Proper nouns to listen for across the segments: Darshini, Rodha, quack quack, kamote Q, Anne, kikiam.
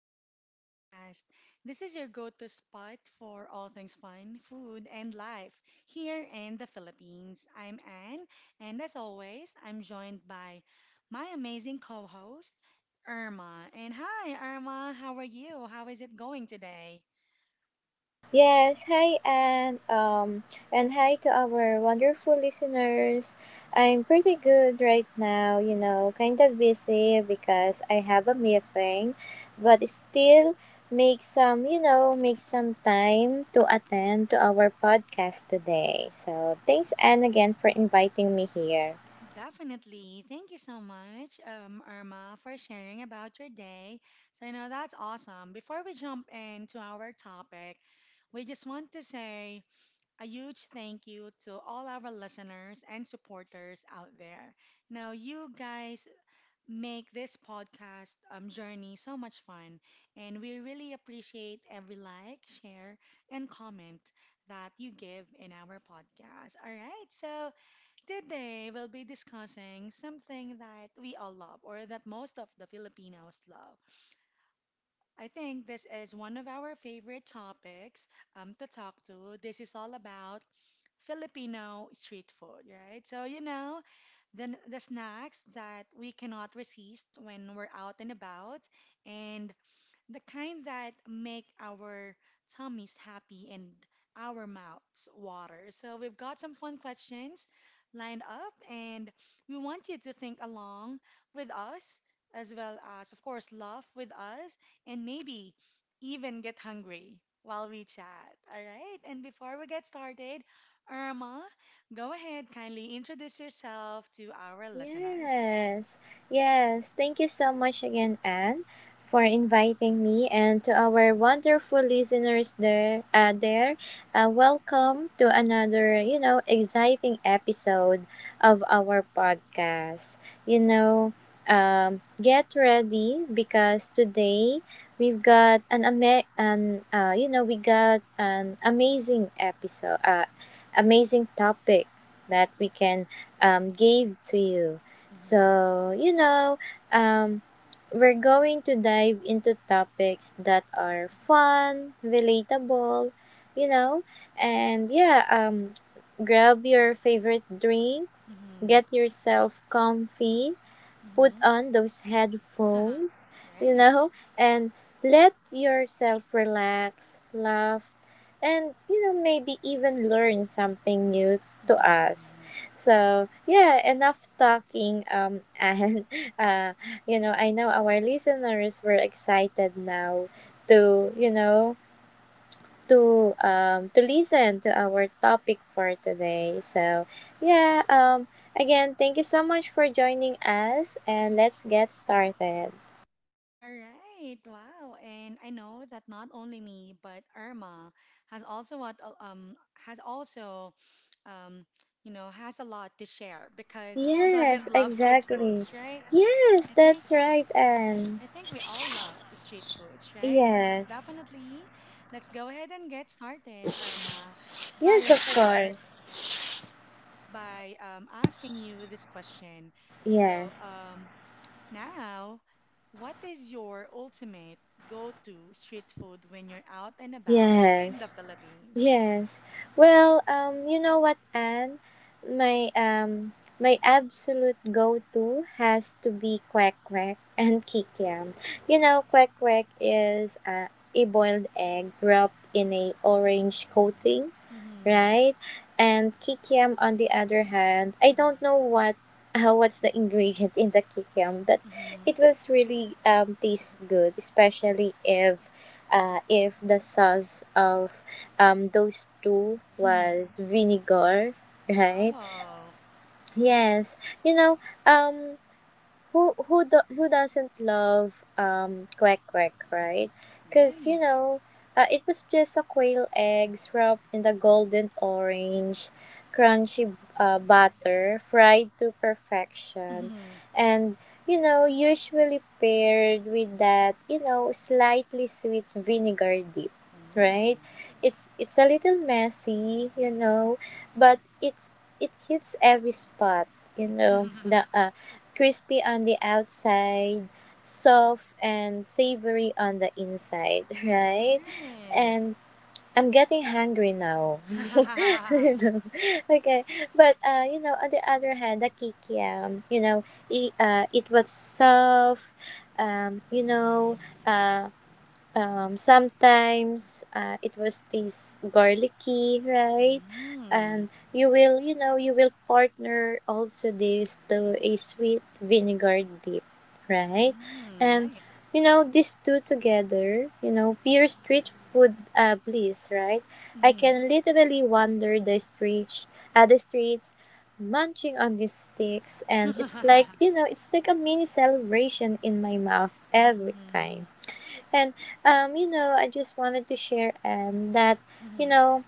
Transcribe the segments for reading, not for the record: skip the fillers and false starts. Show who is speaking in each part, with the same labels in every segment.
Speaker 1: back to the podcast. This is your go to spot for all things fun, food, and life here in the Philippines. I'm Anne, and as always, I'm joined by my amazing co host, Irma. And hi, Irma, how are you? How is it going today?
Speaker 2: Yes, hi and hi to our wonderful listeners. I'm pretty good right now, kind of busy because I have a meeting, but still make some time to attend to our podcast today. So, thanks Anne again for inviting me here.
Speaker 1: Definitely. Thank you so much, Irma, for sharing about your day. So, you know, that's awesome. Before we jump into our topic, we just want to say, a huge thank you to all our listeners and supporters out there. Now, you guys make this podcast journey so much fun, and we really appreciate every like, share, and comment that you give in our podcast. All right, so today we'll be discussing something that we all love, or that most of the Filipinos love. I think this is one of our favorite topics to talk to. This is all about Filipino street food, right? So, you know, the snacks that we cannot resist when we're out and about. And the kind that make our tummies happy and our mouths water. So we've got some fun questions lined up, and we want you to think along with us, as well as, of course, laugh with us, and maybe even get hungry while we chat. All right? And before we get started, Irma, go ahead, kindly introduce yourself to our listeners.
Speaker 2: Yes, yes. Thank you so much again, Anne, for inviting me, and to our wonderful listeners there. Welcome to another, exciting episode of our podcast. You know, get ready because today we got an amazing episode, amazing topic that we can gave to you.
Speaker 1: Mm-hmm.
Speaker 2: So, um, we're going to dive into topics that are fun, relatable, you know, and yeah, grab your favorite drink,
Speaker 1: Mm-hmm.
Speaker 2: get yourself comfy, put
Speaker 1: Mm-hmm.
Speaker 2: on those headphones, you
Speaker 1: Right.
Speaker 2: know, and let yourself relax, laugh, and, maybe even learn something new to us.
Speaker 1: Mhm.
Speaker 2: So, yeah, enough talking. And, uh, I know our listeners were excited now to, you know, to listen to our topic for today. So yeah, again, thank you so much for joining us, and let's get started.
Speaker 1: All right. Wow. And I know that not only me, but Irma has also what uh, um has also um you know, has a lot to share because who
Speaker 2: Yes,
Speaker 1: doesn't love street
Speaker 2: exactly.
Speaker 1: foods, right?
Speaker 2: Yes,
Speaker 1: I think
Speaker 2: that's right, and
Speaker 1: I think we all love street foods, right? So
Speaker 2: yes,
Speaker 1: definitely, let's go ahead and get started, Irma, by
Speaker 2: yes,
Speaker 1: of
Speaker 2: of
Speaker 1: course
Speaker 2: course.
Speaker 1: by asking you this question. So
Speaker 2: Yes,
Speaker 1: um, Now, what is your ultimate go-to street food when you're out and about in the
Speaker 2: yes.
Speaker 1: Philippines?
Speaker 2: Yes. Well, you know what, Anne? My um my absolute go to has to be quack quack and kikiam. Quack quack is a boiled egg wrapped in a orange coating,
Speaker 1: Mm-hmm.
Speaker 2: right? And kikiam on the other hand, I
Speaker 1: Mm-hmm.
Speaker 2: don't know what's the ingredient in the kikiam, but
Speaker 1: Mm-hmm.
Speaker 2: it was really taste good, especially if the sauce of those two
Speaker 1: Hmm.
Speaker 2: was vinegar, right?
Speaker 1: Oh,
Speaker 2: Yes, you know um who doesn't love quack quack, right? Because
Speaker 1: right.
Speaker 2: it was just a quail eggs wrapped in the golden orange crunchy butter fried to perfection,
Speaker 1: Mm-hmm.
Speaker 2: and usually paired with that slightly sweet vinegar dip, right?
Speaker 1: Mm.
Speaker 2: It's a little messy, but it hits every spot. The crispy on the outside, soft and savory on the inside, right?
Speaker 1: Right.
Speaker 2: And I'm getting hungry now. You know, okay, but on the other hand, the kikiam, it was soft, um, you know, uh, sometimes it was this garlicky, right?
Speaker 1: Mm.
Speaker 2: And you will partner also this to a sweet vinegar dip, right?
Speaker 1: Mm.
Speaker 2: And
Speaker 1: Right.
Speaker 2: these two together, pure street food bliss, right? I
Speaker 1: Mm-hmm.
Speaker 2: can literally wander the streets, munching on these sticks, and it's like, you know, it's like a mini celebration in my mouth every
Speaker 1: Mm-hmm.
Speaker 2: time. And I just wanted to share and that you
Speaker 1: Mm-hmm.
Speaker 2: know,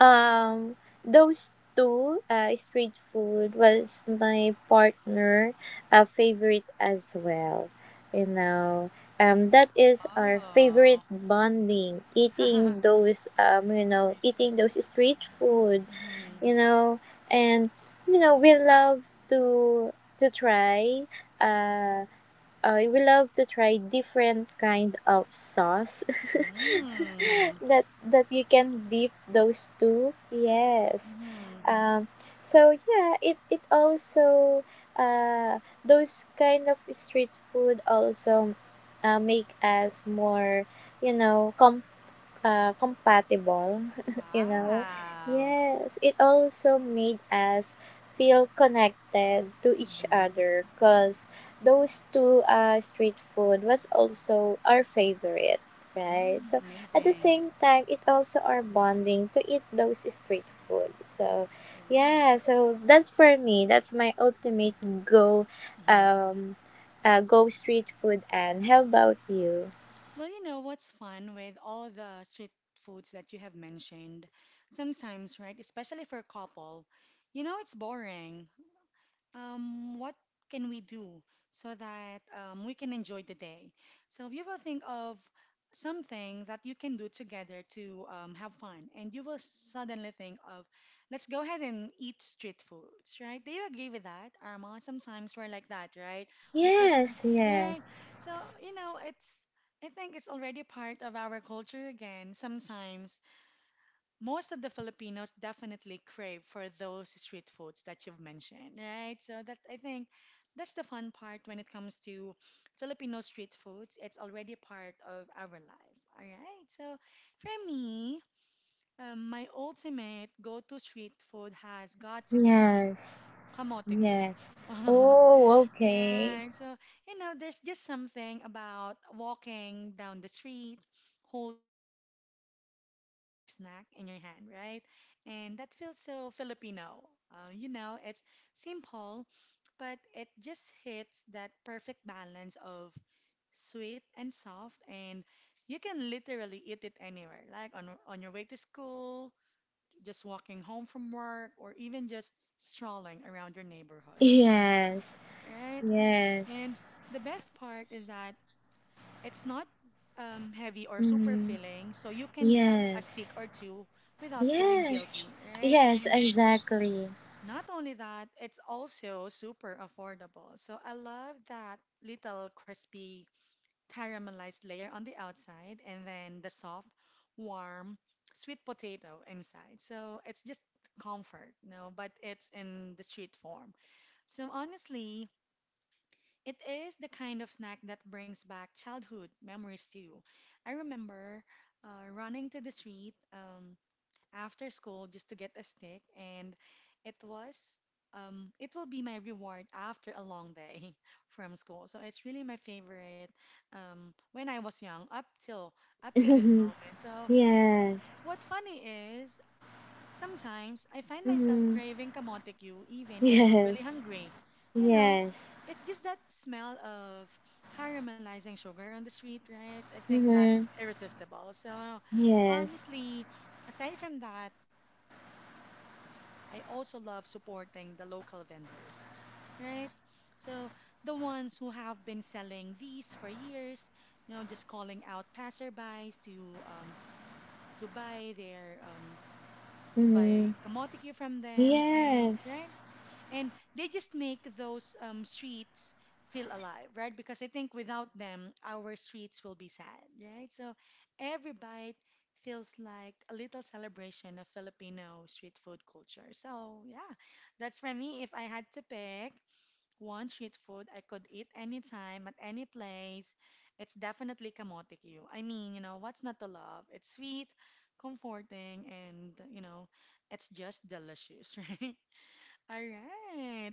Speaker 2: um, those two street food was my partner favorite as well. You know, that is our favorite
Speaker 1: Oh.
Speaker 2: bonding, eating those um, you know,
Speaker 1: Street
Speaker 2: eating those
Speaker 1: foods.
Speaker 2: street food.
Speaker 1: Mm-hmm.
Speaker 2: You know and you know We love to to try. uh Different kind of sauce
Speaker 1: Mm.
Speaker 2: that you can dip those two. Yes.
Speaker 1: Mm-hmm.
Speaker 2: Um, so yeah, it also those kind of street food also make us more you know com compatible, you know.
Speaker 1: Wow.
Speaker 2: Yes, it also made us feel connected to each
Speaker 1: Mm-hmm.
Speaker 2: other because those two street food was also our favorite, right?
Speaker 1: Mm,
Speaker 2: So at the
Speaker 1: amazing.
Speaker 2: same time, it also our bonding to eat those street food. So
Speaker 1: Right.
Speaker 2: yeah, so that's for me. That's my ultimate
Speaker 1: Mm-hmm.
Speaker 2: um, go street food. And how about you?
Speaker 1: Well, you know what's fun with all the street foods that you have mentioned? Sometimes, right, especially for a couple, you know it's boring. What can we do so that we can enjoy the day? So you will think of something that you can do together to have fun, and you will suddenly think of, let's go ahead and eat street foods, right? Do you agree with that, Arma? Sometimes we're like that, right? Because,
Speaker 2: Yes,
Speaker 1: right?
Speaker 2: yes.
Speaker 1: So you know, it's I think it's already part of our culture again. Sometimes most of the Filipinos definitely crave for those street foods that you've mentioned, right? So that I think that's the fun part when it comes to Filipino street foods. It's already part of our life. All right. So for me, my ultimate go-to street food has got to be
Speaker 2: Yes,
Speaker 1: kamote Q.
Speaker 2: yes. Oh, okay.
Speaker 1: Right. So, you know, there's just something about walking down the street holding that sweet caramelized snack in your hand, right? And that feels so Filipino. You know, it's simple, but it just hits that perfect balance of sweet and soft, and you can literally eat it anywhere, like on your way to school, just walking home from work, or even just strolling around your neighborhood.
Speaker 2: Yes,
Speaker 1: Right?
Speaker 2: yes.
Speaker 1: And the best part is that it's not heavy or super
Speaker 2: Mm,
Speaker 1: filling, so you can grab a stick
Speaker 2: yes,
Speaker 1: or two without feeling
Speaker 2: yes,
Speaker 1: guilty, right?
Speaker 2: yes,
Speaker 1: And
Speaker 2: exactly.
Speaker 1: not only that, it's also super affordable. So I love that little crispy caramelized layer on the outside and then the soft, warm, sweet potato inside. So it's just comfort, you know, but it's in the street form. So honestly, it is the kind of snack that brings back childhood memories to you. I remember running to the street after school just to get a snack, and it was it will be my reward after a long day from school. So it's really my favorite when I was young up to this
Speaker 2: yes,
Speaker 1: moment. So what funny is, sometimes I find myself
Speaker 2: mm,
Speaker 1: craving kamote Q even I'm not
Speaker 2: yes,
Speaker 1: really hungry. You know,
Speaker 2: yes,
Speaker 1: it's just that smell of caramelizing sugar on the street, right? I think that's
Speaker 2: mm,
Speaker 1: irresistible. So
Speaker 2: yes,
Speaker 1: honestly, aside from that, aside from it's affordable, I also love supporting the local vendors, right? So the ones who have been selling these for years, you know, just calling out passerbys to buy
Speaker 2: mm,
Speaker 1: kamotiki from them, and
Speaker 2: yes,
Speaker 1: right, and they just make those streets feel alive, right, because I think without them our streets will be sad, right? So every bite feels like a little celebration of Filipino street food culture. So yeah, that's for me. If I had to pick one street food I could eat anytime, at any place, it's definitely kamote Q. I mean, you know, what's not to love? It's sweet, comforting, and, you know, it's just delicious, right? All right.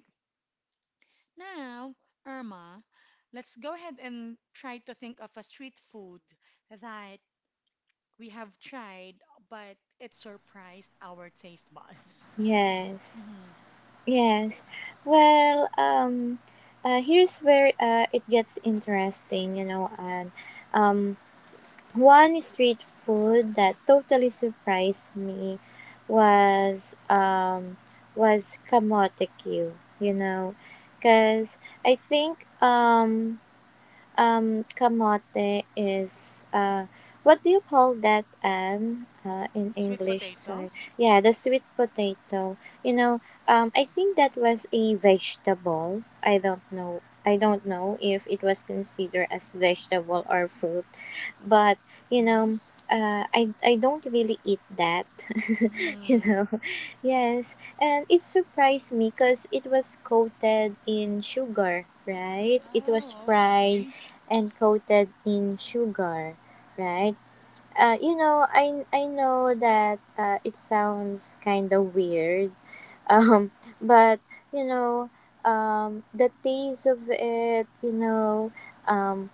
Speaker 1: Now, Irma, let's go ahead and try to think of a street food that we have tried, but it surprised our taste buds.
Speaker 2: yes,
Speaker 1: Hmm.
Speaker 2: yes. Well, here's where it gets interesting, and um, one street food that totally surprised me was um was kamote Q, cause I think kamote is what do you call that, Anne? In
Speaker 1: Sweet
Speaker 2: English,
Speaker 1: potato?
Speaker 2: sorry. Yeah, the sweet potato. You know, I think that was a vegetable. I don't know. I don't know if it was considered as vegetable or fruit, but you
Speaker 1: Mm-hmm.
Speaker 2: know, I don't really eat that. you
Speaker 1: Mm-hmm.
Speaker 2: know, yes, and it surprised me because it was coated in sugar, right? It was
Speaker 1: Oh,
Speaker 2: fried
Speaker 1: okay.
Speaker 2: and coated in sugar, right? I know that it sounds kind of weird, um, but you know, the taste of it, um,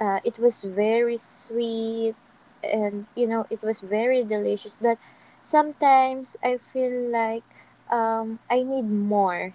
Speaker 2: it was very sweet, and it was very delicious. That sometimes I feel like I need more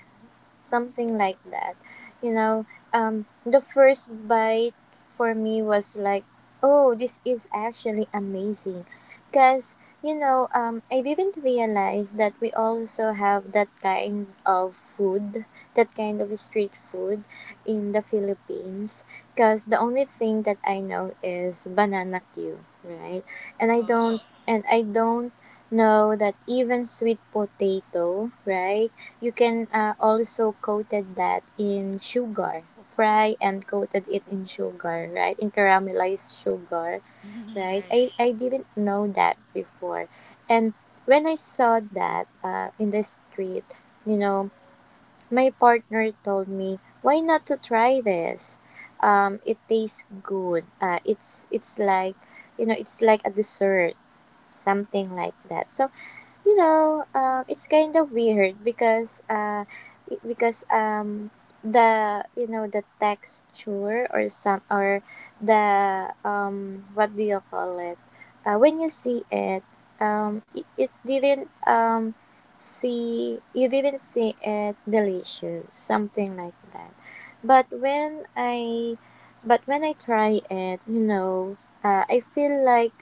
Speaker 2: something like that. You know, the first bite for me was like, oh, this is actually amazing. Because, I didn't realize that we also have that kind of food, that kind of street food in the Philippines. Because the only thing that I know is banana queue, right? And I don't,
Speaker 1: Oh.
Speaker 2: and I don't know that even sweet potato, right? You can also coated that in sugar, fry and coated it in sugar, right? In caramelized sugar, right?
Speaker 1: Right,
Speaker 2: I didn't know that before. And when I saw that in the street, you know, my partner told me, why not to try this? It tastes good. It's like a dessert, something like that. So it's kind of weird because i- because um, the you know the texture or some or the what do you call it? When you see it, it didn't see you didn't see it delicious, something like that. But when I but when I try it, I feel like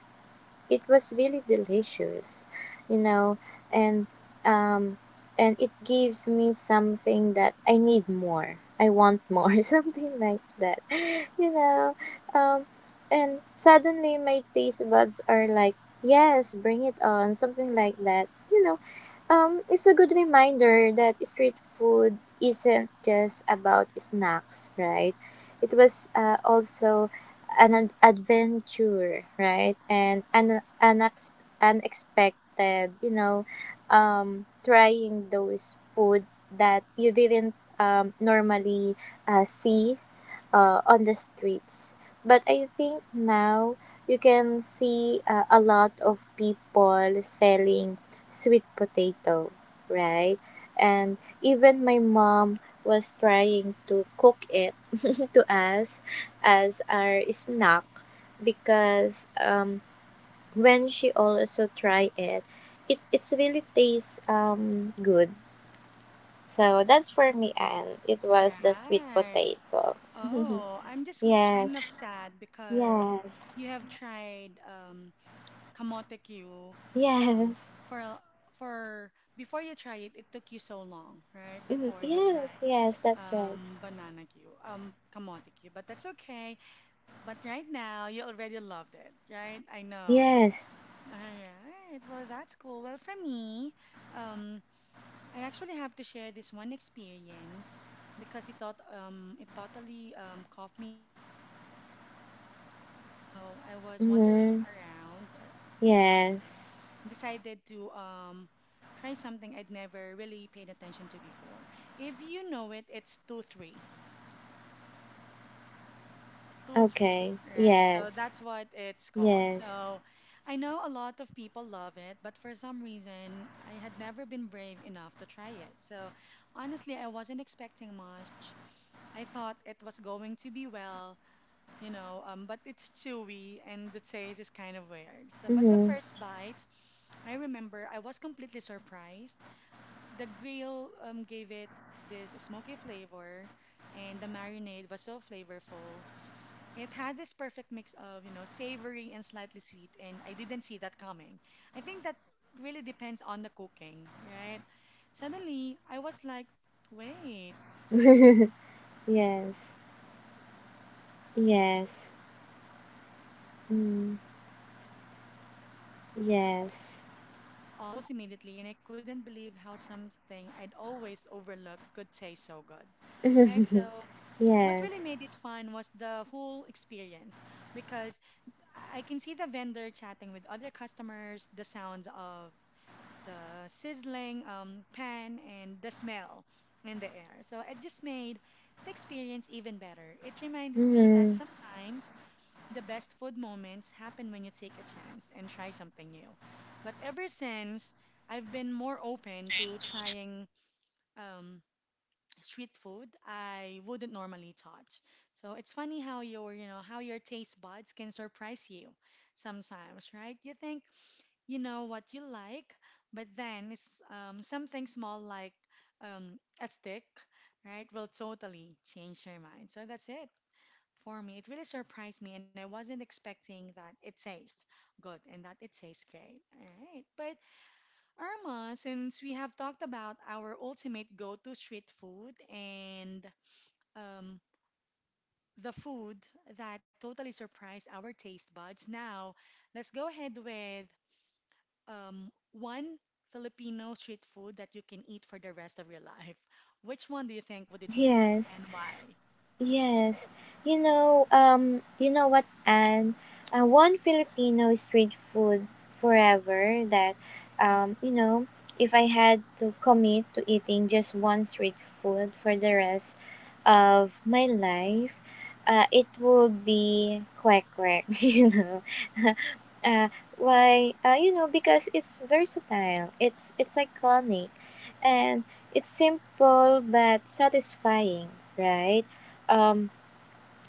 Speaker 2: it was really delicious, you know, and um, and it gives me something that I need more. I want more, something like that, you know. Um, and suddenly my taste buds are like, yes, bring it on, something like that, It's a good reminder that street food isn't just about snacks, right? It was also an adventure, right? And an unexpected, trying those food that you didn't normally see on the streets. But I think now you can see a lot of people selling sweet potato, right? And even my mom was trying to cook it to us as our snack because when she also try it, it's really tastes good. So that's for me, and it was the sweet
Speaker 1: right.
Speaker 2: potato.
Speaker 1: Oh, I'm just kind of
Speaker 2: Yes,
Speaker 1: sad because
Speaker 2: yes,
Speaker 1: you have tried Kamote Q um
Speaker 2: yes,
Speaker 1: for a- for before you try it, it took you so long, right?
Speaker 2: mhm.
Speaker 1: Before you
Speaker 2: Yes,
Speaker 1: try
Speaker 2: yes. That's right.
Speaker 1: Banana Q, Kamote Q, but that's okay. But right now, you already loved it, right? I know.
Speaker 2: Yes,
Speaker 1: All right. Well, that's cool. Well, for me, um I actually have to share this one experience because it thought it totally caught me off guard. So a few months ago, I was wandering
Speaker 2: mm,
Speaker 1: around and
Speaker 2: yes.
Speaker 1: decided to try something I'd never really paid attention to before. If you know it, it's 2-3. Two, three,
Speaker 2: Okay.
Speaker 1: right? So
Speaker 2: Yes.
Speaker 1: that's what it's called.
Speaker 2: Yes.
Speaker 1: So I know a lot of people love it, but for some reason, I had never been brave enough to try it. So honestly, I wasn't expecting much. I thought it was going to be, well, you know, but it's chewy and the taste is kind of weird. So, but the
Speaker 2: Mhm.
Speaker 1: first bite, I remember I was completely surprised. The grill gave it this smoky flavor, and the marinade was so flavorful it had this perfect mix of, you know, savory and slightly sweet, and I didn't see that coming. I think that really depends on the cooking, right? Suddenly, I was like, wait, this street food
Speaker 2: yes.
Speaker 1: is actually amazing, right? And
Speaker 2: Yes.
Speaker 1: I found myself
Speaker 2: Mm.
Speaker 1: going back for a second
Speaker 2: Yes.
Speaker 1: stick almost immediately, and I couldn't believe how something I'd always overlooked could taste so good, right? So what really
Speaker 2: yes.
Speaker 1: made it fun was the whole experience because I can see the vendor chatting with other customers, the sounds of the sizzling pan, and the smell in the air. So it just made the experience even better. It reminded me that
Speaker 2: Mhm.
Speaker 1: sometimes the best food moments happen when you take a chance and try something new. But ever since, I've been more open to trying um, street food I wouldn't normally touch. So it's funny how your, you know, how your taste buds can surprise you sometimes, right? You think you know what you like, but then it's something small, like a stick, right, will totally change your mind. So that's it for me. It really surprised me, and I wasn't expecting that it tastes good and that it tastes great. All right, but Irma, since we have talked about our ultimate go-to street food and um, the food that totally surprised our taste buds, now let's go ahead with one Filipino street food that you can eat for the rest of your life. Which one do you think would it be,
Speaker 2: Yes.
Speaker 1: and why?
Speaker 2: Yes, you know what, Anne? One Filipino street food forever that, um, you know, if I had to commit to eating just one street food for the rest of my life, it would be kwek kwek, . Uh, why? Because it's versatile. It's iconic, and it's simple but satisfying, right? Um,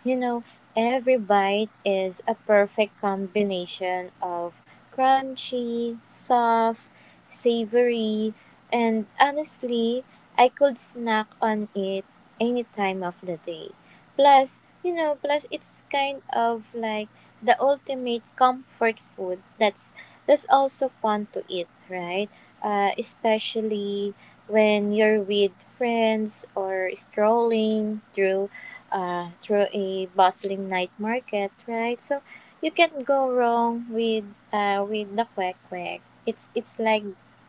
Speaker 2: you know, every bite is a perfect combination of crunchy, soft, savory, and honestly, I could snack on it any time of the day. Plus it's kind of like the ultimate comfort food that's also fun to eat, right? Especially when you're with friends or strolling through a bustling night market, right? So you can't go wrong with the quack quack. It's like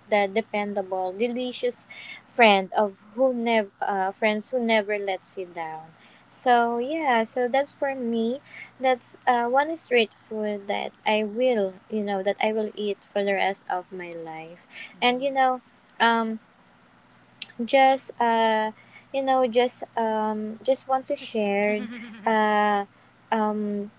Speaker 2: the dependable, delicious friends who never lets you down. So yeah, so that's for me. That's one street food that I will you know that I will eat for the rest of my life, and
Speaker 1: Hmm.
Speaker 2: um just uh just want to
Speaker 1: Just to share.
Speaker 2: share. uh um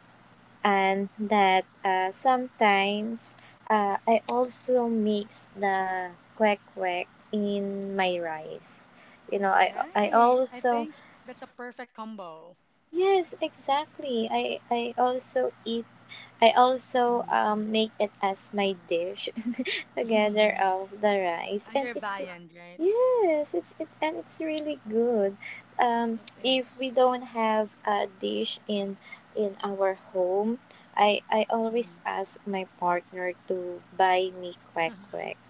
Speaker 2: and that sometimes I also mix the quack quack in my rice. I
Speaker 1: Right. I
Speaker 2: also.
Speaker 1: think that's a perfect combo.
Speaker 2: Yes, exactly. I also eat. I also make it as my dish together
Speaker 1: Mm-hmm.
Speaker 2: of the rice
Speaker 1: As
Speaker 2: and
Speaker 1: your
Speaker 2: it's.
Speaker 1: viand, right?
Speaker 2: Yes, it's it's really good.
Speaker 1: It
Speaker 2: If
Speaker 1: is.
Speaker 2: we don't have a dish in our home, I
Speaker 1: Mm-hmm.
Speaker 2: always ask my partner to buy me quack quack.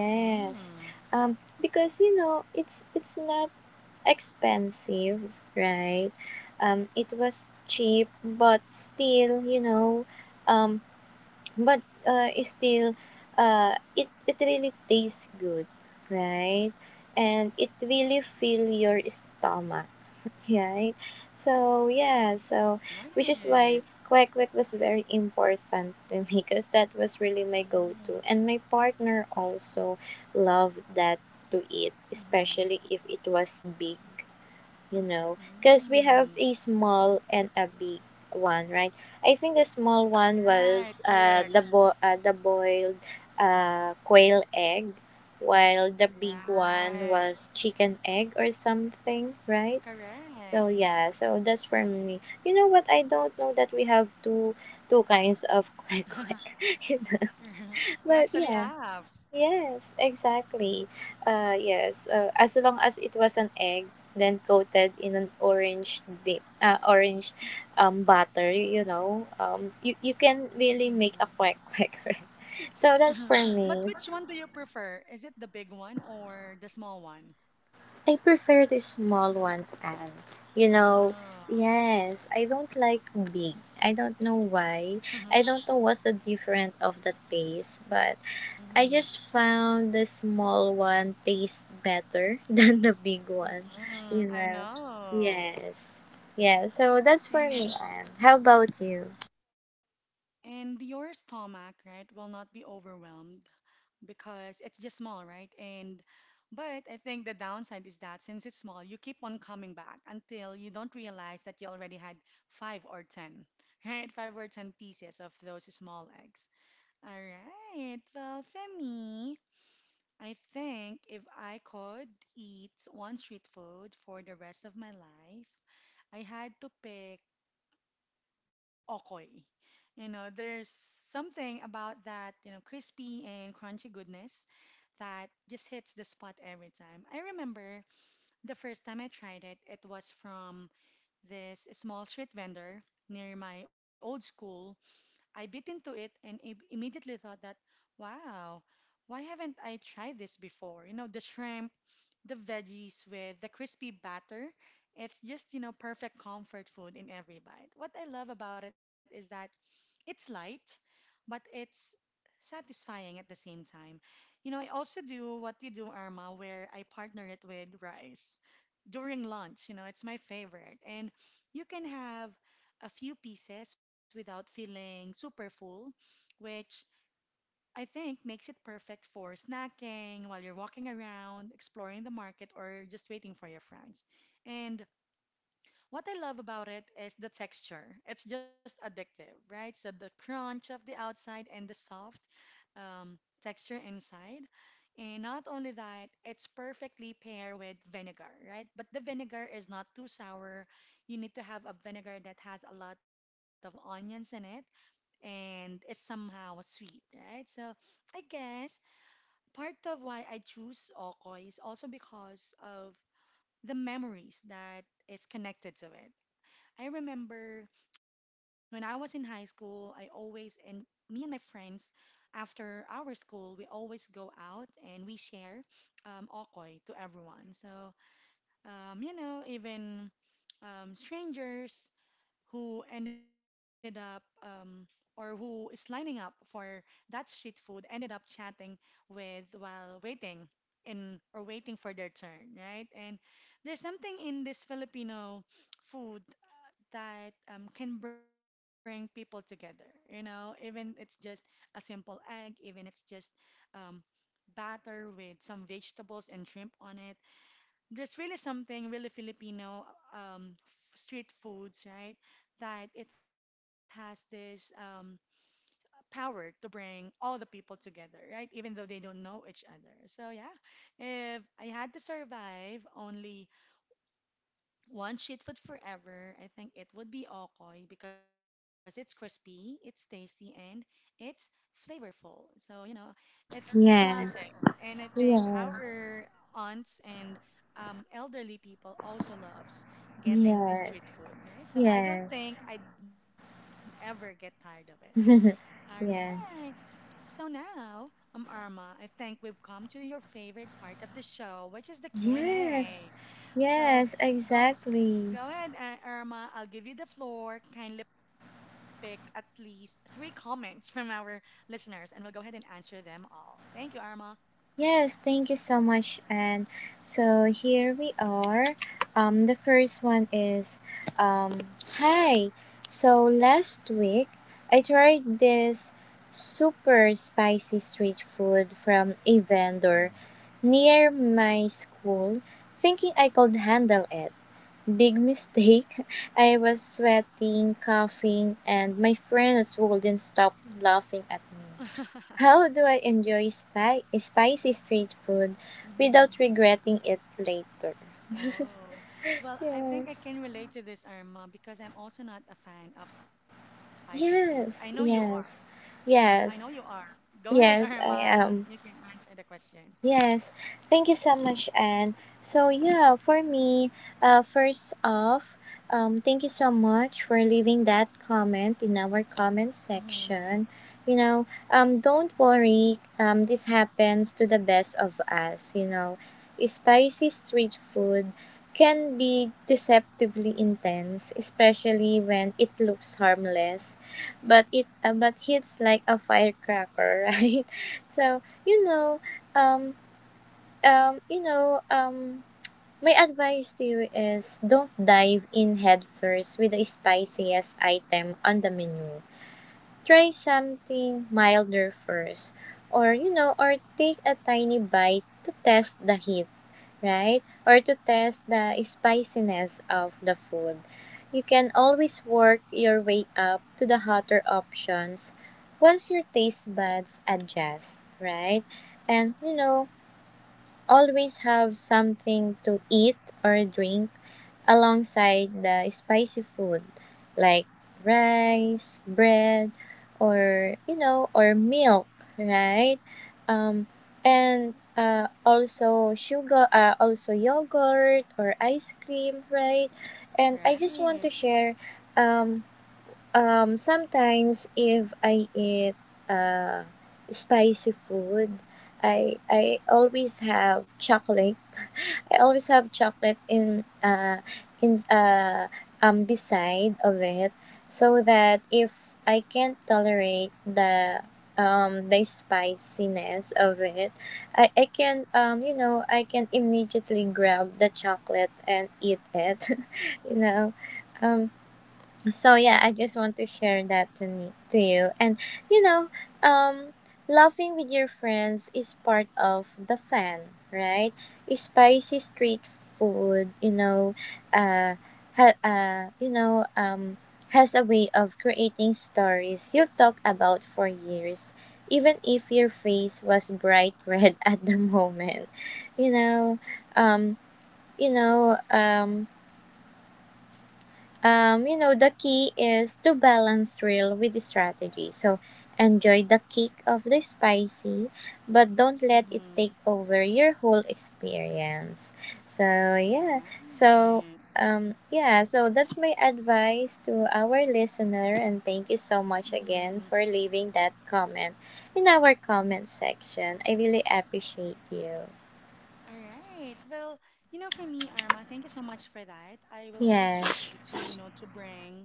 Speaker 1: Mm,
Speaker 2: Because it's not expensive, right? It was cheap, but still, um, but it's still, it really tastes good, right? And it really fill your stomach, right? So yeah, so which is why
Speaker 1: right.
Speaker 2: kwek kwek was very important to me because that was really my
Speaker 1: Mm,
Speaker 2: go-to, and my partner also loved that to eat,
Speaker 1: mm,
Speaker 2: especially if it was big, you know, because we have
Speaker 1: mm.
Speaker 2: a small and a big one, right? I think the small one
Speaker 1: Right,
Speaker 2: was
Speaker 1: correct.
Speaker 2: the boiled quail egg, while the big one
Speaker 1: Right,
Speaker 2: was chicken egg or something, right? so
Speaker 1: correct.
Speaker 2: yeah so that's for me. You know what, I don't know that we have two kinds of quack quack.
Speaker 1: We
Speaker 2: But
Speaker 1: actually
Speaker 2: yeah.
Speaker 1: have.
Speaker 2: Yes, exactly. Yes, as long as it was an egg, then coated in an orange dip, orange butter, you know, you can really
Speaker 1: Mhm.
Speaker 2: make a quack quack, right? So that's for
Speaker 1: But
Speaker 2: me.
Speaker 1: which one do you prefer? Is it the big one or the small one?
Speaker 2: I prefer the small ones, and you know,
Speaker 1: Oh.
Speaker 2: yes, I don't like big. I don't know why. I don't know what's the difference of the taste, but I
Speaker 1: Hmm.
Speaker 2: just found the small one tastes better than the big one,
Speaker 1: Hmm,
Speaker 2: you
Speaker 1: I
Speaker 2: know.
Speaker 1: know.
Speaker 2: Yes. Yeah, so that's for me,
Speaker 1: And
Speaker 2: Anne. How about you?
Speaker 1: and your stomach, right, will not be overwhelmed because it's just small, right? And but I think the downside is that since it's small, you keep on coming back until you don't realize that you already had 5 or 10, right? 5 or 10 pieces of those small eggs. All right. Well, for me, I think if I could eat one street food for the rest of my life, I had to pick okoy. You know, there's something about that, you know, crispy and crunchy goodness that just hits the spot every time. I remember the first time I tried it, it was from this small street vendor near my old school. I bit into it and immediately thought that, wow, why haven't I tried this before? You know, the shrimp the veggies with the crispy batter. It's just, perfect comfort food in every bite. What I love about it is that it's light, but it's satisfying at the same time. You know, I also do what you do, Irma, where I partner it with rice during lunch. You know, it's my favorite. And you can have a few pieces without feeling super full, which I think makes it perfect for snacking while you're walking around, exploring the market, or just waiting for your friends. And what I love about it is the texture. It's just addictive, right? So the crunch of the outside and the soft um, texture inside. And not only that, it's perfectly paired with vinegar, right? But the vinegar is not too sour. You need to have a vinegar that has a lot of onions in it and is somehow sweet, right? So I guess part of why I choose Okoy is also because of the memories that is connected to it. I remember when I was in high school, I always and me and my friends after our school, we always go out and we share Okoy to everyone. So you know, even strangers who ended up or who is lining up for that street food ended up chatting with while waiting in or waiting for their turn, right? And there's something in this Filipino food that can bring people together, you know, even it's just a simple egg, even it's just um, batter with some vegetables and shrimp on it there's really something really Filipino street foods, right? That it has this power to bring all the people together, right? Even though they don't know each other. So yeah, if I had to survive only one street food forever, I think it would be okoy because it's crispy, it's tasty, and it's flavorful. So, you know, it's classic.
Speaker 2: Yes.
Speaker 1: And I think
Speaker 2: Yes.
Speaker 1: our aunts and elderly people also loves getting this
Speaker 2: Yes.
Speaker 1: street food, right? So I don't
Speaker 2: Yes.
Speaker 1: think I'd ever get tired of it. All right.
Speaker 2: Yes.
Speaker 1: So now, Arma, I think we've come to your favorite part of the show, which is the
Speaker 2: Yes.
Speaker 1: Q&A. So
Speaker 2: Yes,
Speaker 1: go
Speaker 2: exactly.
Speaker 1: go ahead, Irma. I'll give you the floor. Kindly pick at least three comments from our listeners, and we'll go ahead and answer them all. Thank you, Irma.
Speaker 2: Yes, thank you so much. And so here we are. The first one is um, hi. So last week, I tried this super spicy street food from a vendor near my school, thinking I could handle it. Big mistake. I was sweating, coughing, and my friends wouldn't stop laughing at me. How do I enjoy spicy street food without
Speaker 1: hmm.
Speaker 2: regretting it later?
Speaker 1: Oh, well, I
Speaker 2: Yes.
Speaker 1: think I can relate to this, Irma, because I'm also not a fan of spicy foods. I know you are.
Speaker 2: Yes. Yes.
Speaker 1: I know you are.
Speaker 2: Yes.
Speaker 1: Go ahead, Irma.
Speaker 2: Yes, I
Speaker 1: You can
Speaker 2: am.
Speaker 1: answer the question.
Speaker 2: Yes, thank you so much, Anne. So yeah, for me, first off, thank you so much for leaving that comment in our
Speaker 1: Mm-hmm.
Speaker 2: comment section. You know, don't worry. This happens to the best of us. You know, spicy street food can be deceptively intense, especially when it looks harmless, but it but hits like a firecracker, right? So you know, um, um, you know, um, my advice to you is don't dive in headfirst with the spiciest item on the menu. Try something milder first, or you know, or take a tiny bite to test the heat, right? Or to test the spiciness of the food. You can always work your way up to the hotter options once your taste buds adjust, right? And you know, always have something to eat or drink alongside the spicy food like rice, bread, or you know, or milk, right? Um, and also sugar, also yogurt or ice cream, right? And I just want
Speaker 1: Right.
Speaker 2: to share um, sometimes if I eat uh, spicy food, I always have chocolate. I always have chocolate in beside of it, so that if I can't tolerate the spiciness of it, I can you know, I can immediately grab the chocolate and eat it, you know. um so yeah, I just want to share that to me to you. And you know, um laughing with your friends is part of the fun, right? Spicy street food, you know, uh, ha- uh you know, um has a way of creating stories you'll talk about for years, even if your face was bright red at the moment. You know, um you know, um you know, the key is to balance real with the strategy. So enjoy the kick of the spicy, but
Speaker 1: Mm-hmm.
Speaker 2: don't let it take over your whole experience. So yeah,
Speaker 1: Right.
Speaker 2: so yeah, so that's my advice to our listener, and thank you so
Speaker 1: Mm-hmm.
Speaker 2: much again for leaving that comment in our comment section. I really appreciate you.
Speaker 1: All right. Well, you know, for me, Arma, thank you so much for that. I will always try
Speaker 2: Yes,
Speaker 1: to, you know, to bring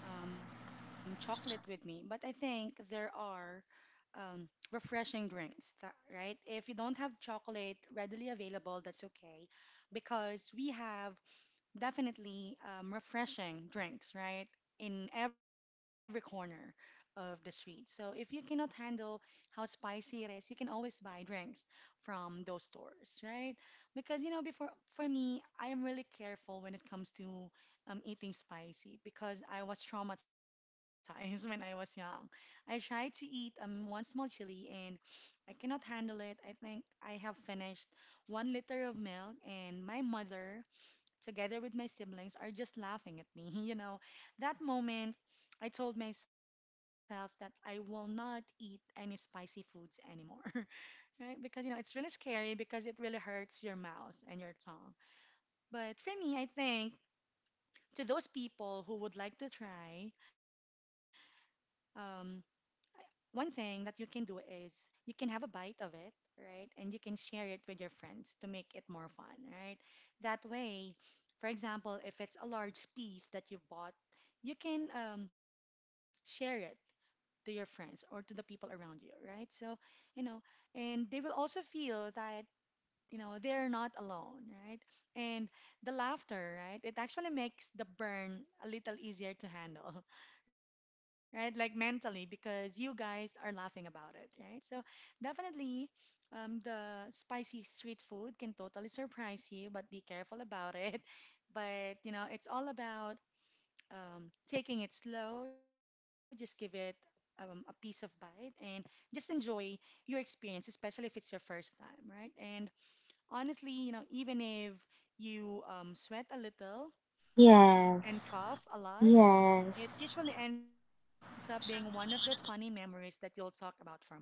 Speaker 1: chocolate with me. But I think there are refreshing drinks, that, right? If you don't have chocolate readily available, that's okay, because we have definitely refreshing drinks, right? In every corner of the street. So if you cannot handle how spicy it is, you can always buy drinks from those stores, right? Because you know, before for me, I am really careful when it comes to eating spicy because I was traumatized when I was young. I tried to eat one small chili and I cannot handle it. I think I have finished one liter of milk, and my mother together with my siblings, are just laughing at me. You know, that moment, I told myself that I will not eat any spicy foods anymore, right? Because, you know, it's really scary because it really hurts your mouth and your tongue. But for me, I think to those people who would like to try, um, one thing that you can do is you can have a bite of it, right? And you can share it with your friends to make it more fun, right? That way, for example, if it's a large piece that you bought, you can share it to your friends or to the people around you, right? So, you know, and they will also feel that you know they're not alone, right? And the laughter, right, it actually makes the burn a little easier to handle right, like mentally because you guys are laughing about it, right? So definitely the spicy street food can totally surprise you, but be careful about it. But you know, it's all about taking it slow, just give it a piece of bite and just enjoy your experience, especially if it's your first time, right? And honestly, you know, even if you sweat a little and
Speaker 2: yes,
Speaker 1: cough a lot, it
Speaker 2: yes.
Speaker 1: usually ends up being one of those funny memories that you'll talk about for months, all right?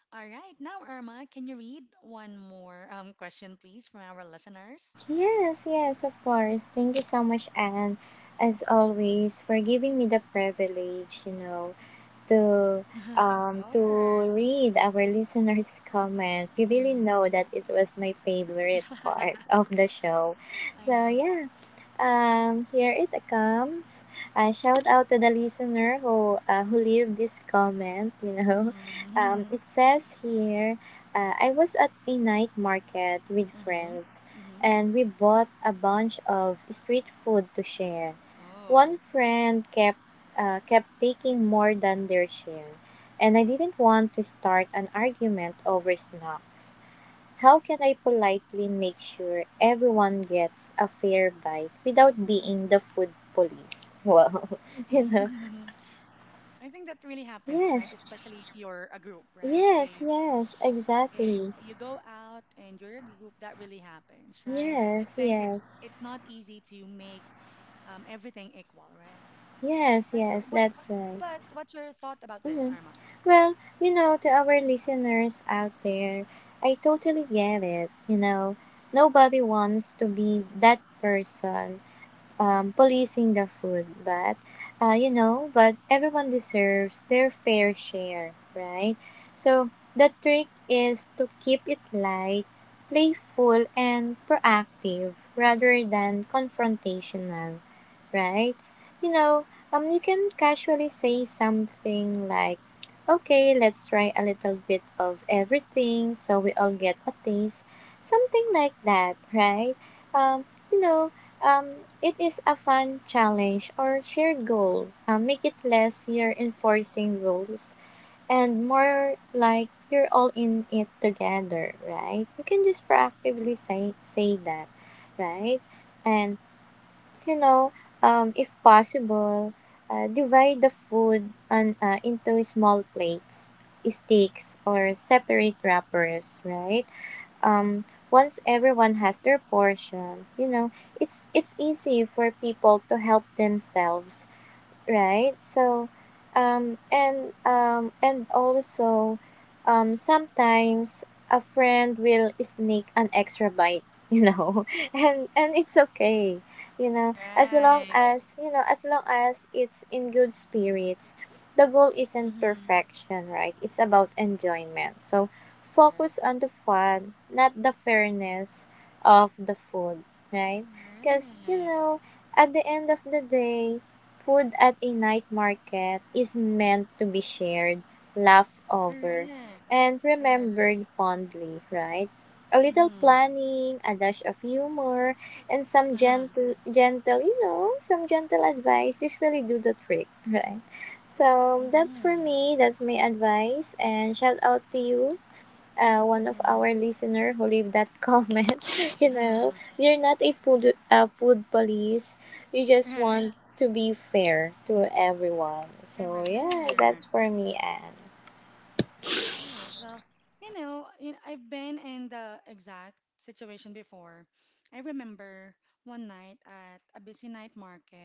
Speaker 1: All right, now, Irma, can you read one more question, please, from our listeners?
Speaker 2: Yes, yes, of course. Thank you so much, Anne, as always, for giving me the privilege, you know, to
Speaker 1: Of
Speaker 2: to
Speaker 1: course.
Speaker 2: read our listeners' comment. You really
Speaker 1: hmm.
Speaker 2: know that it was my favorite part of the show.
Speaker 1: I
Speaker 2: So
Speaker 1: know.
Speaker 2: yeah. Here it comes. Shout out to the listener who leave this comment. You know,
Speaker 1: hmm.
Speaker 2: it says here, I was at a night market with
Speaker 1: hmm.
Speaker 2: friends,
Speaker 1: hmm.
Speaker 2: and we bought a bunch of street food to share.
Speaker 1: Oh.
Speaker 2: One friend kept taking more than their share, and I didn't want to start an argument over snacks. How can I politely make sure everyone gets a fair bite without being the food police? Well, you know.
Speaker 1: I think that really happens, right? Especially if
Speaker 2: Yes,
Speaker 1: you're a group, right?
Speaker 2: yes, yes,
Speaker 1: If
Speaker 2: exactly.
Speaker 1: you go out and you're a group, that really happens, right? I
Speaker 2: Yes,
Speaker 1: think it's
Speaker 2: yes,
Speaker 1: it's not easy to make everything equal, right?
Speaker 2: yes, yes,
Speaker 1: But
Speaker 2: that's
Speaker 1: what's your
Speaker 2: right.
Speaker 1: thought about this, Arma?
Speaker 2: Mhm. Well, you know, to our listeners out there, I totally get it. You know, nobody wants to be that person policing the food, but you know, but everyone deserves their fair share, right? So the trick is to keep it light, playful, and proactive rather than confrontational, right? You know, you can casually say something like, "Okay, let's try a little bit of everything, so we all get a taste," something like that, right? Um, you know, it is a fun challenge or shared goal. Make it less you're enforcing rules and more like you're all in it together, right? You can just proactively say that, right? And you know, if possible, divide the food into small plates, sticks, or separate wrappers, right? um Once everyone has their portion, you know, it's easy for people to help themselves, right? So, and also, sometimes a friend will sneak an extra bite, you know, and it's okay, you know, as long
Speaker 1: Right.
Speaker 2: as you know, as long as it's in good spirits. The goal
Speaker 1: Mm-hmm.
Speaker 2: isn't perfection, right? It's about enjoyment. So,
Speaker 1: Correct.
Speaker 2: focus on the fun, not the fairness of the food, right? Because you
Speaker 1: Correct.
Speaker 2: know, at the end of the day, food at a night market is meant to be shared, laughed
Speaker 1: Correct.
Speaker 2: over, and
Speaker 1: Correct.
Speaker 2: remembered fondly, right? A little
Speaker 1: Mm-hmm.
Speaker 2: planning, a dash of humor, and some
Speaker 1: Uh-huh.
Speaker 2: gentle, gentle, you know, some gentle advice usually do the trick, right?
Speaker 1: Mm-hmm.
Speaker 2: So that's for me. That's my advice. And shout out to you,
Speaker 1: Mm-hmm.
Speaker 2: one of our listener who leave that comment. You
Speaker 1: Uh-huh.
Speaker 2: know, you're not a food police. You just
Speaker 1: Right.
Speaker 2: want to be fair to everyone.
Speaker 1: Correct.
Speaker 2: So yeah, that's for me, Anne.
Speaker 1: Right. Well, you know, I've been in the exact situation before. I remember one night at a busy night market,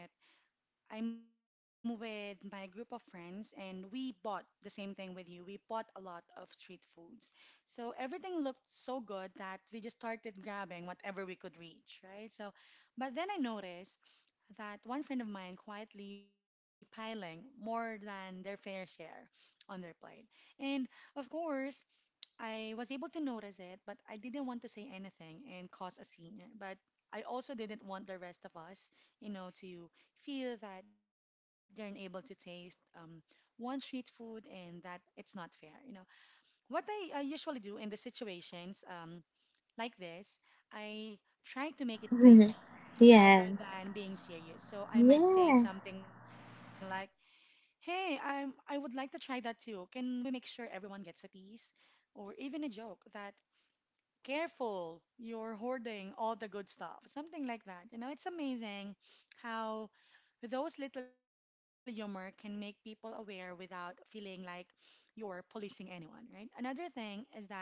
Speaker 1: I'm with my group of friends and we bought the same thing with you. We bought a lot of street foods. So everything looked so good that we just started grabbing whatever we could reach, right? So, but then I noticed that one friend of mine quietly piling more than their fair share on their plate. And of course, I was able to notice it, but I didn't want to say anything and cause a scene. But I also didn't want the rest of us, you know, to feel that they're unable to taste one street food and that it's not fair, you know. What I usually do in these situations, like this, I try to make it playful rather
Speaker 2: Yes.
Speaker 1: than being serious. So I might say
Speaker 2: Yes.
Speaker 1: something like, "Hey, I would like to try that too. Can we make sure everyone gets a piece?" Or even a joke that, "Careful, you're hoarding all the good stuff." Something like that. You know, it's amazing how those little humor can make people aware without feeling like you're policing anyone, right?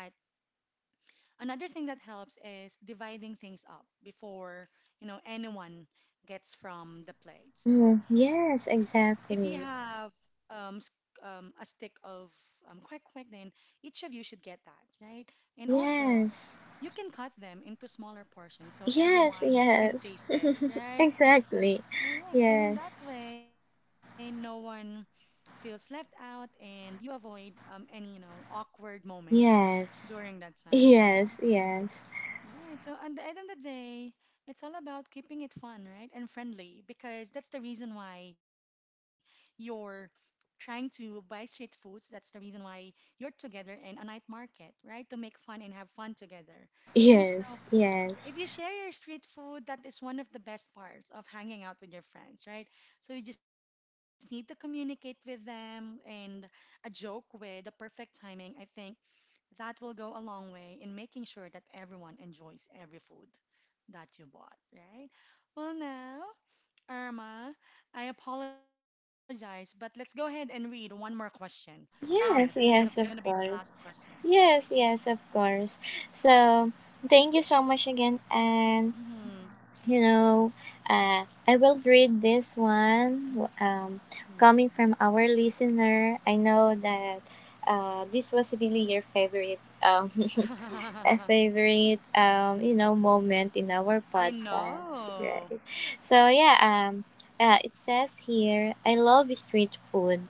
Speaker 1: Another thing that helps is dividing things up before, you know, anyone gets from the plate. So
Speaker 2: Mm,
Speaker 1: if
Speaker 2: yes,
Speaker 1: you have
Speaker 2: exactly.
Speaker 1: um, s- a stick of quick, then each of you should get that, right? And also,
Speaker 2: Yes.
Speaker 1: you can cut them into smaller portions so
Speaker 2: Yes,
Speaker 1: everyone can
Speaker 2: yes.
Speaker 1: taste it, right?
Speaker 2: Exactly.
Speaker 1: Correct. And in that
Speaker 2: Yes.
Speaker 1: way, no one feels left out and you avoid any, you know, awkward moments
Speaker 2: Yes.
Speaker 1: during that time. So
Speaker 2: Yes, yes.
Speaker 1: right. So at the end of the day, it's all about keeping it fun, right? And friendly because that's the reason why you're trying to buy street foods. That's the reason why you're together in a night market, right? To make fun and have fun together,
Speaker 2: Yes,
Speaker 1: right? So
Speaker 2: yes.
Speaker 1: if you share your street food, that is one of the best parts of hanging out with your friends, right? So you just need to communicate with them and a joke with the perfect timing, I think that will go a long way in making sure that everyone enjoys every food that you bought, right? Well, now, Irma, I apologize, but let's go ahead and read one more question. Promise, this is the
Speaker 2: Yes,
Speaker 1: gonna be
Speaker 2: yes,
Speaker 1: the
Speaker 2: of
Speaker 1: last
Speaker 2: course.
Speaker 1: question.
Speaker 2: Yes, yes, of course. So, thank you so much again. And,
Speaker 1: Mm-hmm.
Speaker 2: you know, I will read this one
Speaker 1: Mm-hmm.
Speaker 2: coming from our listener. I know that this was really your favorite a favorite you know moment in our
Speaker 1: I
Speaker 2: podcast,
Speaker 1: know.
Speaker 2: right? So it says here, I love street food,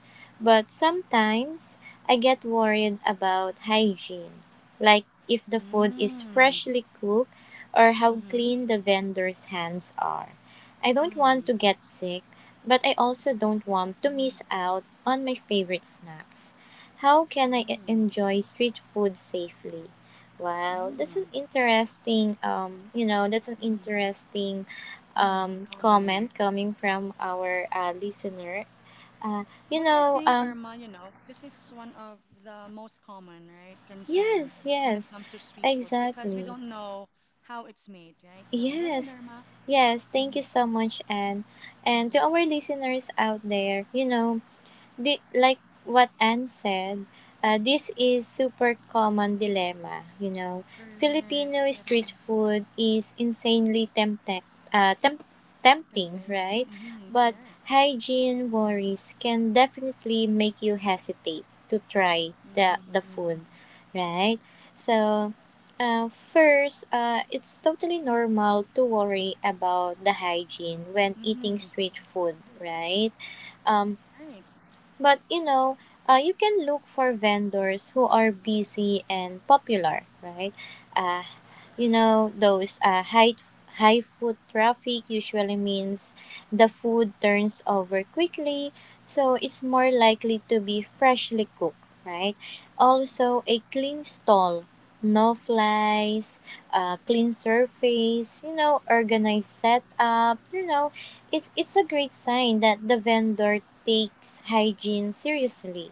Speaker 2: but sometimes I get worried about hygiene, like if the food is
Speaker 1: Mm-hmm.
Speaker 2: freshly cooked or how
Speaker 1: Mm-hmm.
Speaker 2: clean the vendor's hands are. I don't
Speaker 1: Mm-hmm.
Speaker 2: want to get sick, but I also
Speaker 1: Mm-hmm.
Speaker 2: don't want to miss out on my favorite snacks. How
Speaker 1: Mm-hmm.
Speaker 2: can I enjoy street food safely? Wow,
Speaker 1: Mm-hmm.
Speaker 2: that's an interesting you know that's an interesting
Speaker 1: Mm-hmm. Comment.
Speaker 2: comment coming from our listener.
Speaker 1: But I
Speaker 2: Uh,
Speaker 1: think,
Speaker 2: you
Speaker 1: Irma, you
Speaker 2: know
Speaker 1: know,
Speaker 2: um
Speaker 1: this is one of the most common, right, concern when it
Speaker 2: yes,
Speaker 1: comes to
Speaker 2: yes,
Speaker 1: street foods because we don't
Speaker 2: exactly,
Speaker 1: know how it's made, right? So go ahead,
Speaker 2: yes,
Speaker 1: Irma.
Speaker 2: yes,
Speaker 1: Mm-hmm,
Speaker 2: thank you so much. And
Speaker 1: mm-hmm.
Speaker 2: to our listeners out there, you know, like what Anne said, this is super common dilemma. You know,
Speaker 1: Correct.
Speaker 2: Filipino
Speaker 1: It
Speaker 2: street
Speaker 1: is
Speaker 2: food is insanely tempting, uh, temp- tempting,
Speaker 1: tempting.
Speaker 2: right?
Speaker 1: Mm-hmm,
Speaker 2: But
Speaker 1: correct.
Speaker 2: hygiene worries can definitely make you hesitate to try the
Speaker 1: Mm-hmm,
Speaker 2: the food, right? So. First, it's totally normal to worry about the hygiene when eating
Speaker 1: mm-hmm.
Speaker 2: street food, right?
Speaker 1: Right.
Speaker 2: Um, but you know, you can look for vendors who are busy and popular, right? Uh, you know, those high food traffic usually means the food turns over quickly, so it's more likely to be freshly cooked, right? Also, a clean stall, no flies, clean surface, you know, organized setup, you know, it's a great sign that the vendor takes hygiene seriously,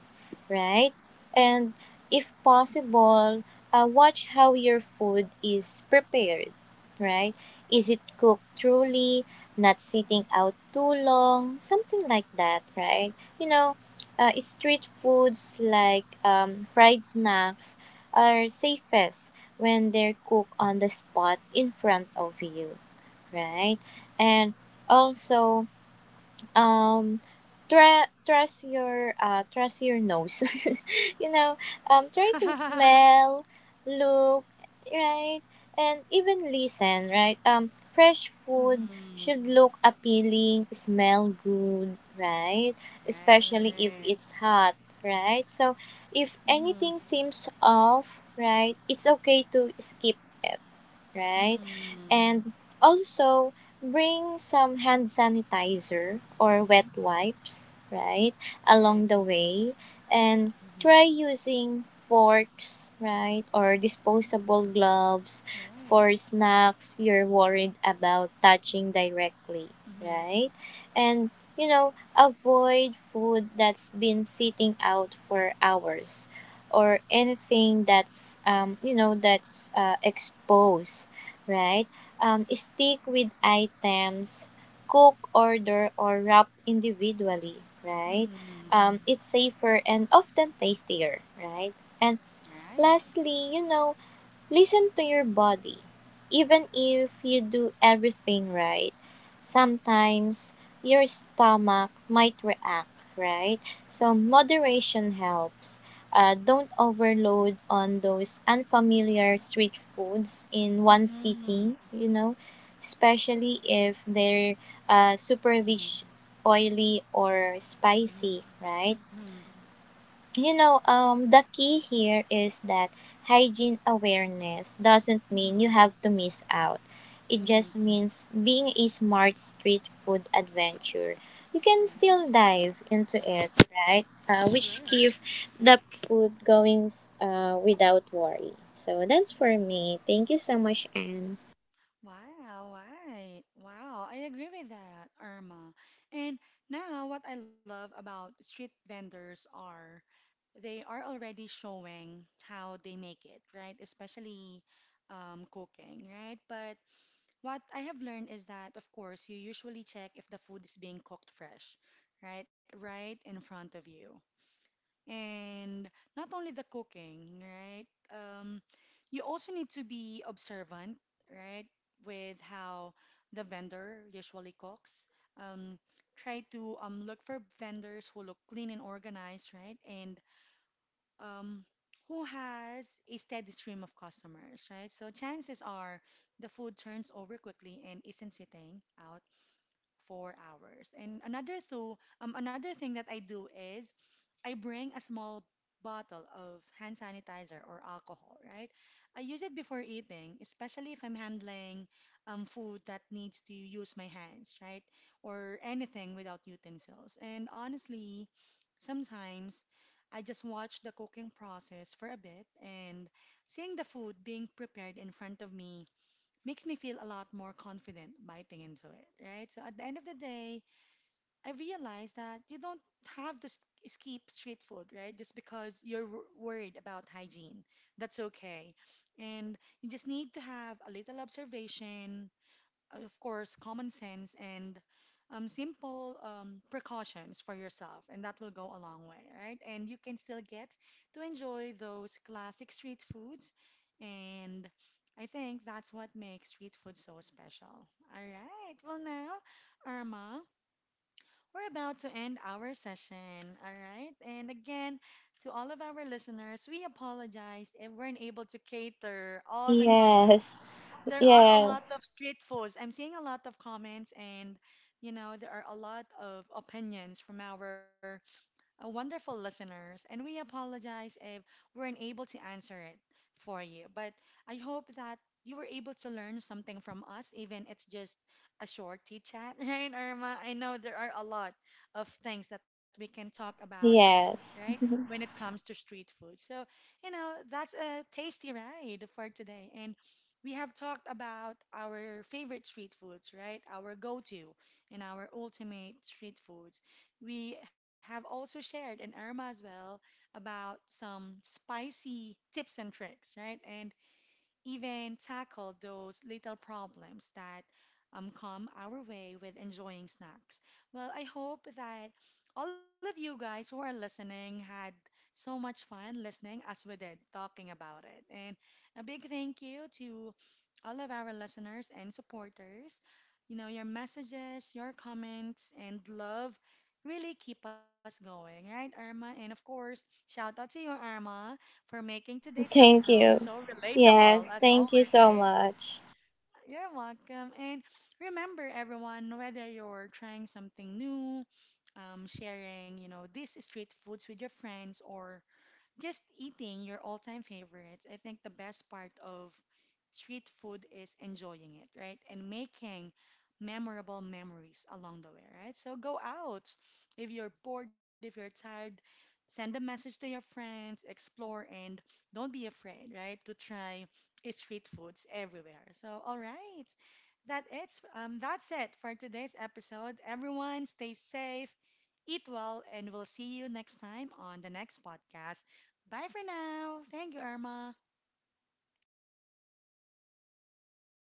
Speaker 2: right? And if possible, watch how your food is prepared, right? Is it cooked truly, not sitting out too long, something like that, right? You know, street foods like fried snacks are safest when they're cooked on the spot in front of you, right? And also, um, trust your nose. You know, try to smell, look, right, and even listen, right? Fresh food
Speaker 1: Mm-hmm.
Speaker 2: should look appealing, smell good, right?
Speaker 1: Right.
Speaker 2: Especially if it's hot, right? So, if
Speaker 1: Mm-hmm.
Speaker 2: anything seems off, right, it's okay to skip, right?
Speaker 1: Mm-hmm.
Speaker 2: And also, bring some hand sanitizer or wet
Speaker 1: Mm-hmm.
Speaker 2: wipes, right?
Speaker 1: Right.
Speaker 2: Along the way, and
Speaker 1: Mm-hmm.
Speaker 2: try using forks, right? Or disposable
Speaker 1: Mm-hmm.
Speaker 2: gloves for
Speaker 1: Right.
Speaker 2: snacks you're worried about touching directly,
Speaker 1: Mm-hmm.
Speaker 2: right? And you know, avoid food that's been sitting out for hours or anything that's you know that's exposed, right? Stick with items, cook, order, or wrap individually, right?
Speaker 1: Mm-hmm.
Speaker 2: It's safer and often tastier, right? And
Speaker 1: Right.
Speaker 2: lastly, you know, listen to your body. Even if you do everything right, sometimes your stomach might react, right? So, moderation helps. Don't overload on those unfamiliar street foods in one
Speaker 1: Mhm.
Speaker 2: sitting, you know, especially if they're super
Speaker 1: Mhm.
Speaker 2: rich, oily, or spicy,
Speaker 1: Mhm.
Speaker 2: right?
Speaker 1: Mhm.
Speaker 2: You know, the key here is that hygiene awareness doesn't mean you
Speaker 1: Mhm.
Speaker 2: have to miss out. It
Speaker 1: Mhm.
Speaker 2: just means being a smart street food adventure. You can still
Speaker 1: Right.
Speaker 2: dive into it, right?
Speaker 1: Correct.
Speaker 2: Which keeps the food going without worry. So that's for me. Thank you so much, Anne.
Speaker 1: Wow. Right. Wow. I agree with that, Irma. And now, what I love about street vendors are they are already showing how they make it, right? Especially cooking, right? But what I have learned is that, of course, you usually check if the food is being cooked fresh, right? Right in front of you. And not only the cooking, right? You also need to be observant, right, with how the vendor usually cooks. Um, try to look for vendors who look clean and organized, right? And um, who has a steady stream of customers, right? So chances are the food turns over quickly and isn't sitting out for hours. And another thing that I do is I bring a small bottle of hand sanitizer or alcohol, right? I use it before eating, especially if I'm handling food that needs to use my hands, right? Or anything without utensils. And honestly, sometimes I just watch the cooking process for a bit, and seeing the food being prepared in front of me makes me feel a lot more confident biting into it, right? So at the end of the day, I realized that you don't have to skip street food, right? Just because you're worried about hygiene. That's okay. And you just need to have a little observation, of course, common sense, and simple precautions for yourself. And that will go a long way, right? And you can still get to enjoy those classic street foods. And I think that's what makes street food so special. All right. Well, now, Irma. We're about to end our session, all right? And again, to all of our listeners, we apologize if we're unable to cater all the comments.
Speaker 2: Yes,
Speaker 1: There are a lot
Speaker 2: yes,
Speaker 1: of street foods. I'm seeing a lot of comments, and you know, there are a lot of opinions from our wonderful listeners, and we apologize if we're unable to answer it for you. But I hope that you were able to learn something from us, even it's just a short tea chat, right, Irma? I know there are a lot of things that we can talk about, right?
Speaker 2: yes.
Speaker 1: When it comes to street food. So, you know, that's a tasty ride for today. And we have talked about our favorite street foods, right? Our go-to and our ultimate street foods. We have also shared, and Irma as well, about some spicy tips and tricks, right? And even tackle those little problems that come our way with enjoying snacks. Well, I hope that all of you guys who are listening had so much fun listening as we did talking about it. And a big thank you to all of our listeners and supporters. You know, your messages, your comments, and love really keep us going, right, Irma? And of course, shout out to you, Irma, for making today's
Speaker 2: Thank
Speaker 1: episode
Speaker 2: you.
Speaker 1: so relatable
Speaker 2: Yes,
Speaker 1: as
Speaker 2: thank you so
Speaker 1: always.
Speaker 2: much.
Speaker 1: You're welcome. And remember, everyone, whether you're trying something new, sharing, you know, these street foods with your friends, or just eating your all-time favorites. I think the best part of street food is enjoying it, right? And making memorable memories along the way, right? So go out. If you're bored, if you're tired, send a message to your friends, explore, and don't be afraid, right, to try street foods everywhere. So, all right. That's it for today's episode. Everyone stay safe, eat well, and we'll see you next time on the next podcast. Bye for now. Thank you, Irma.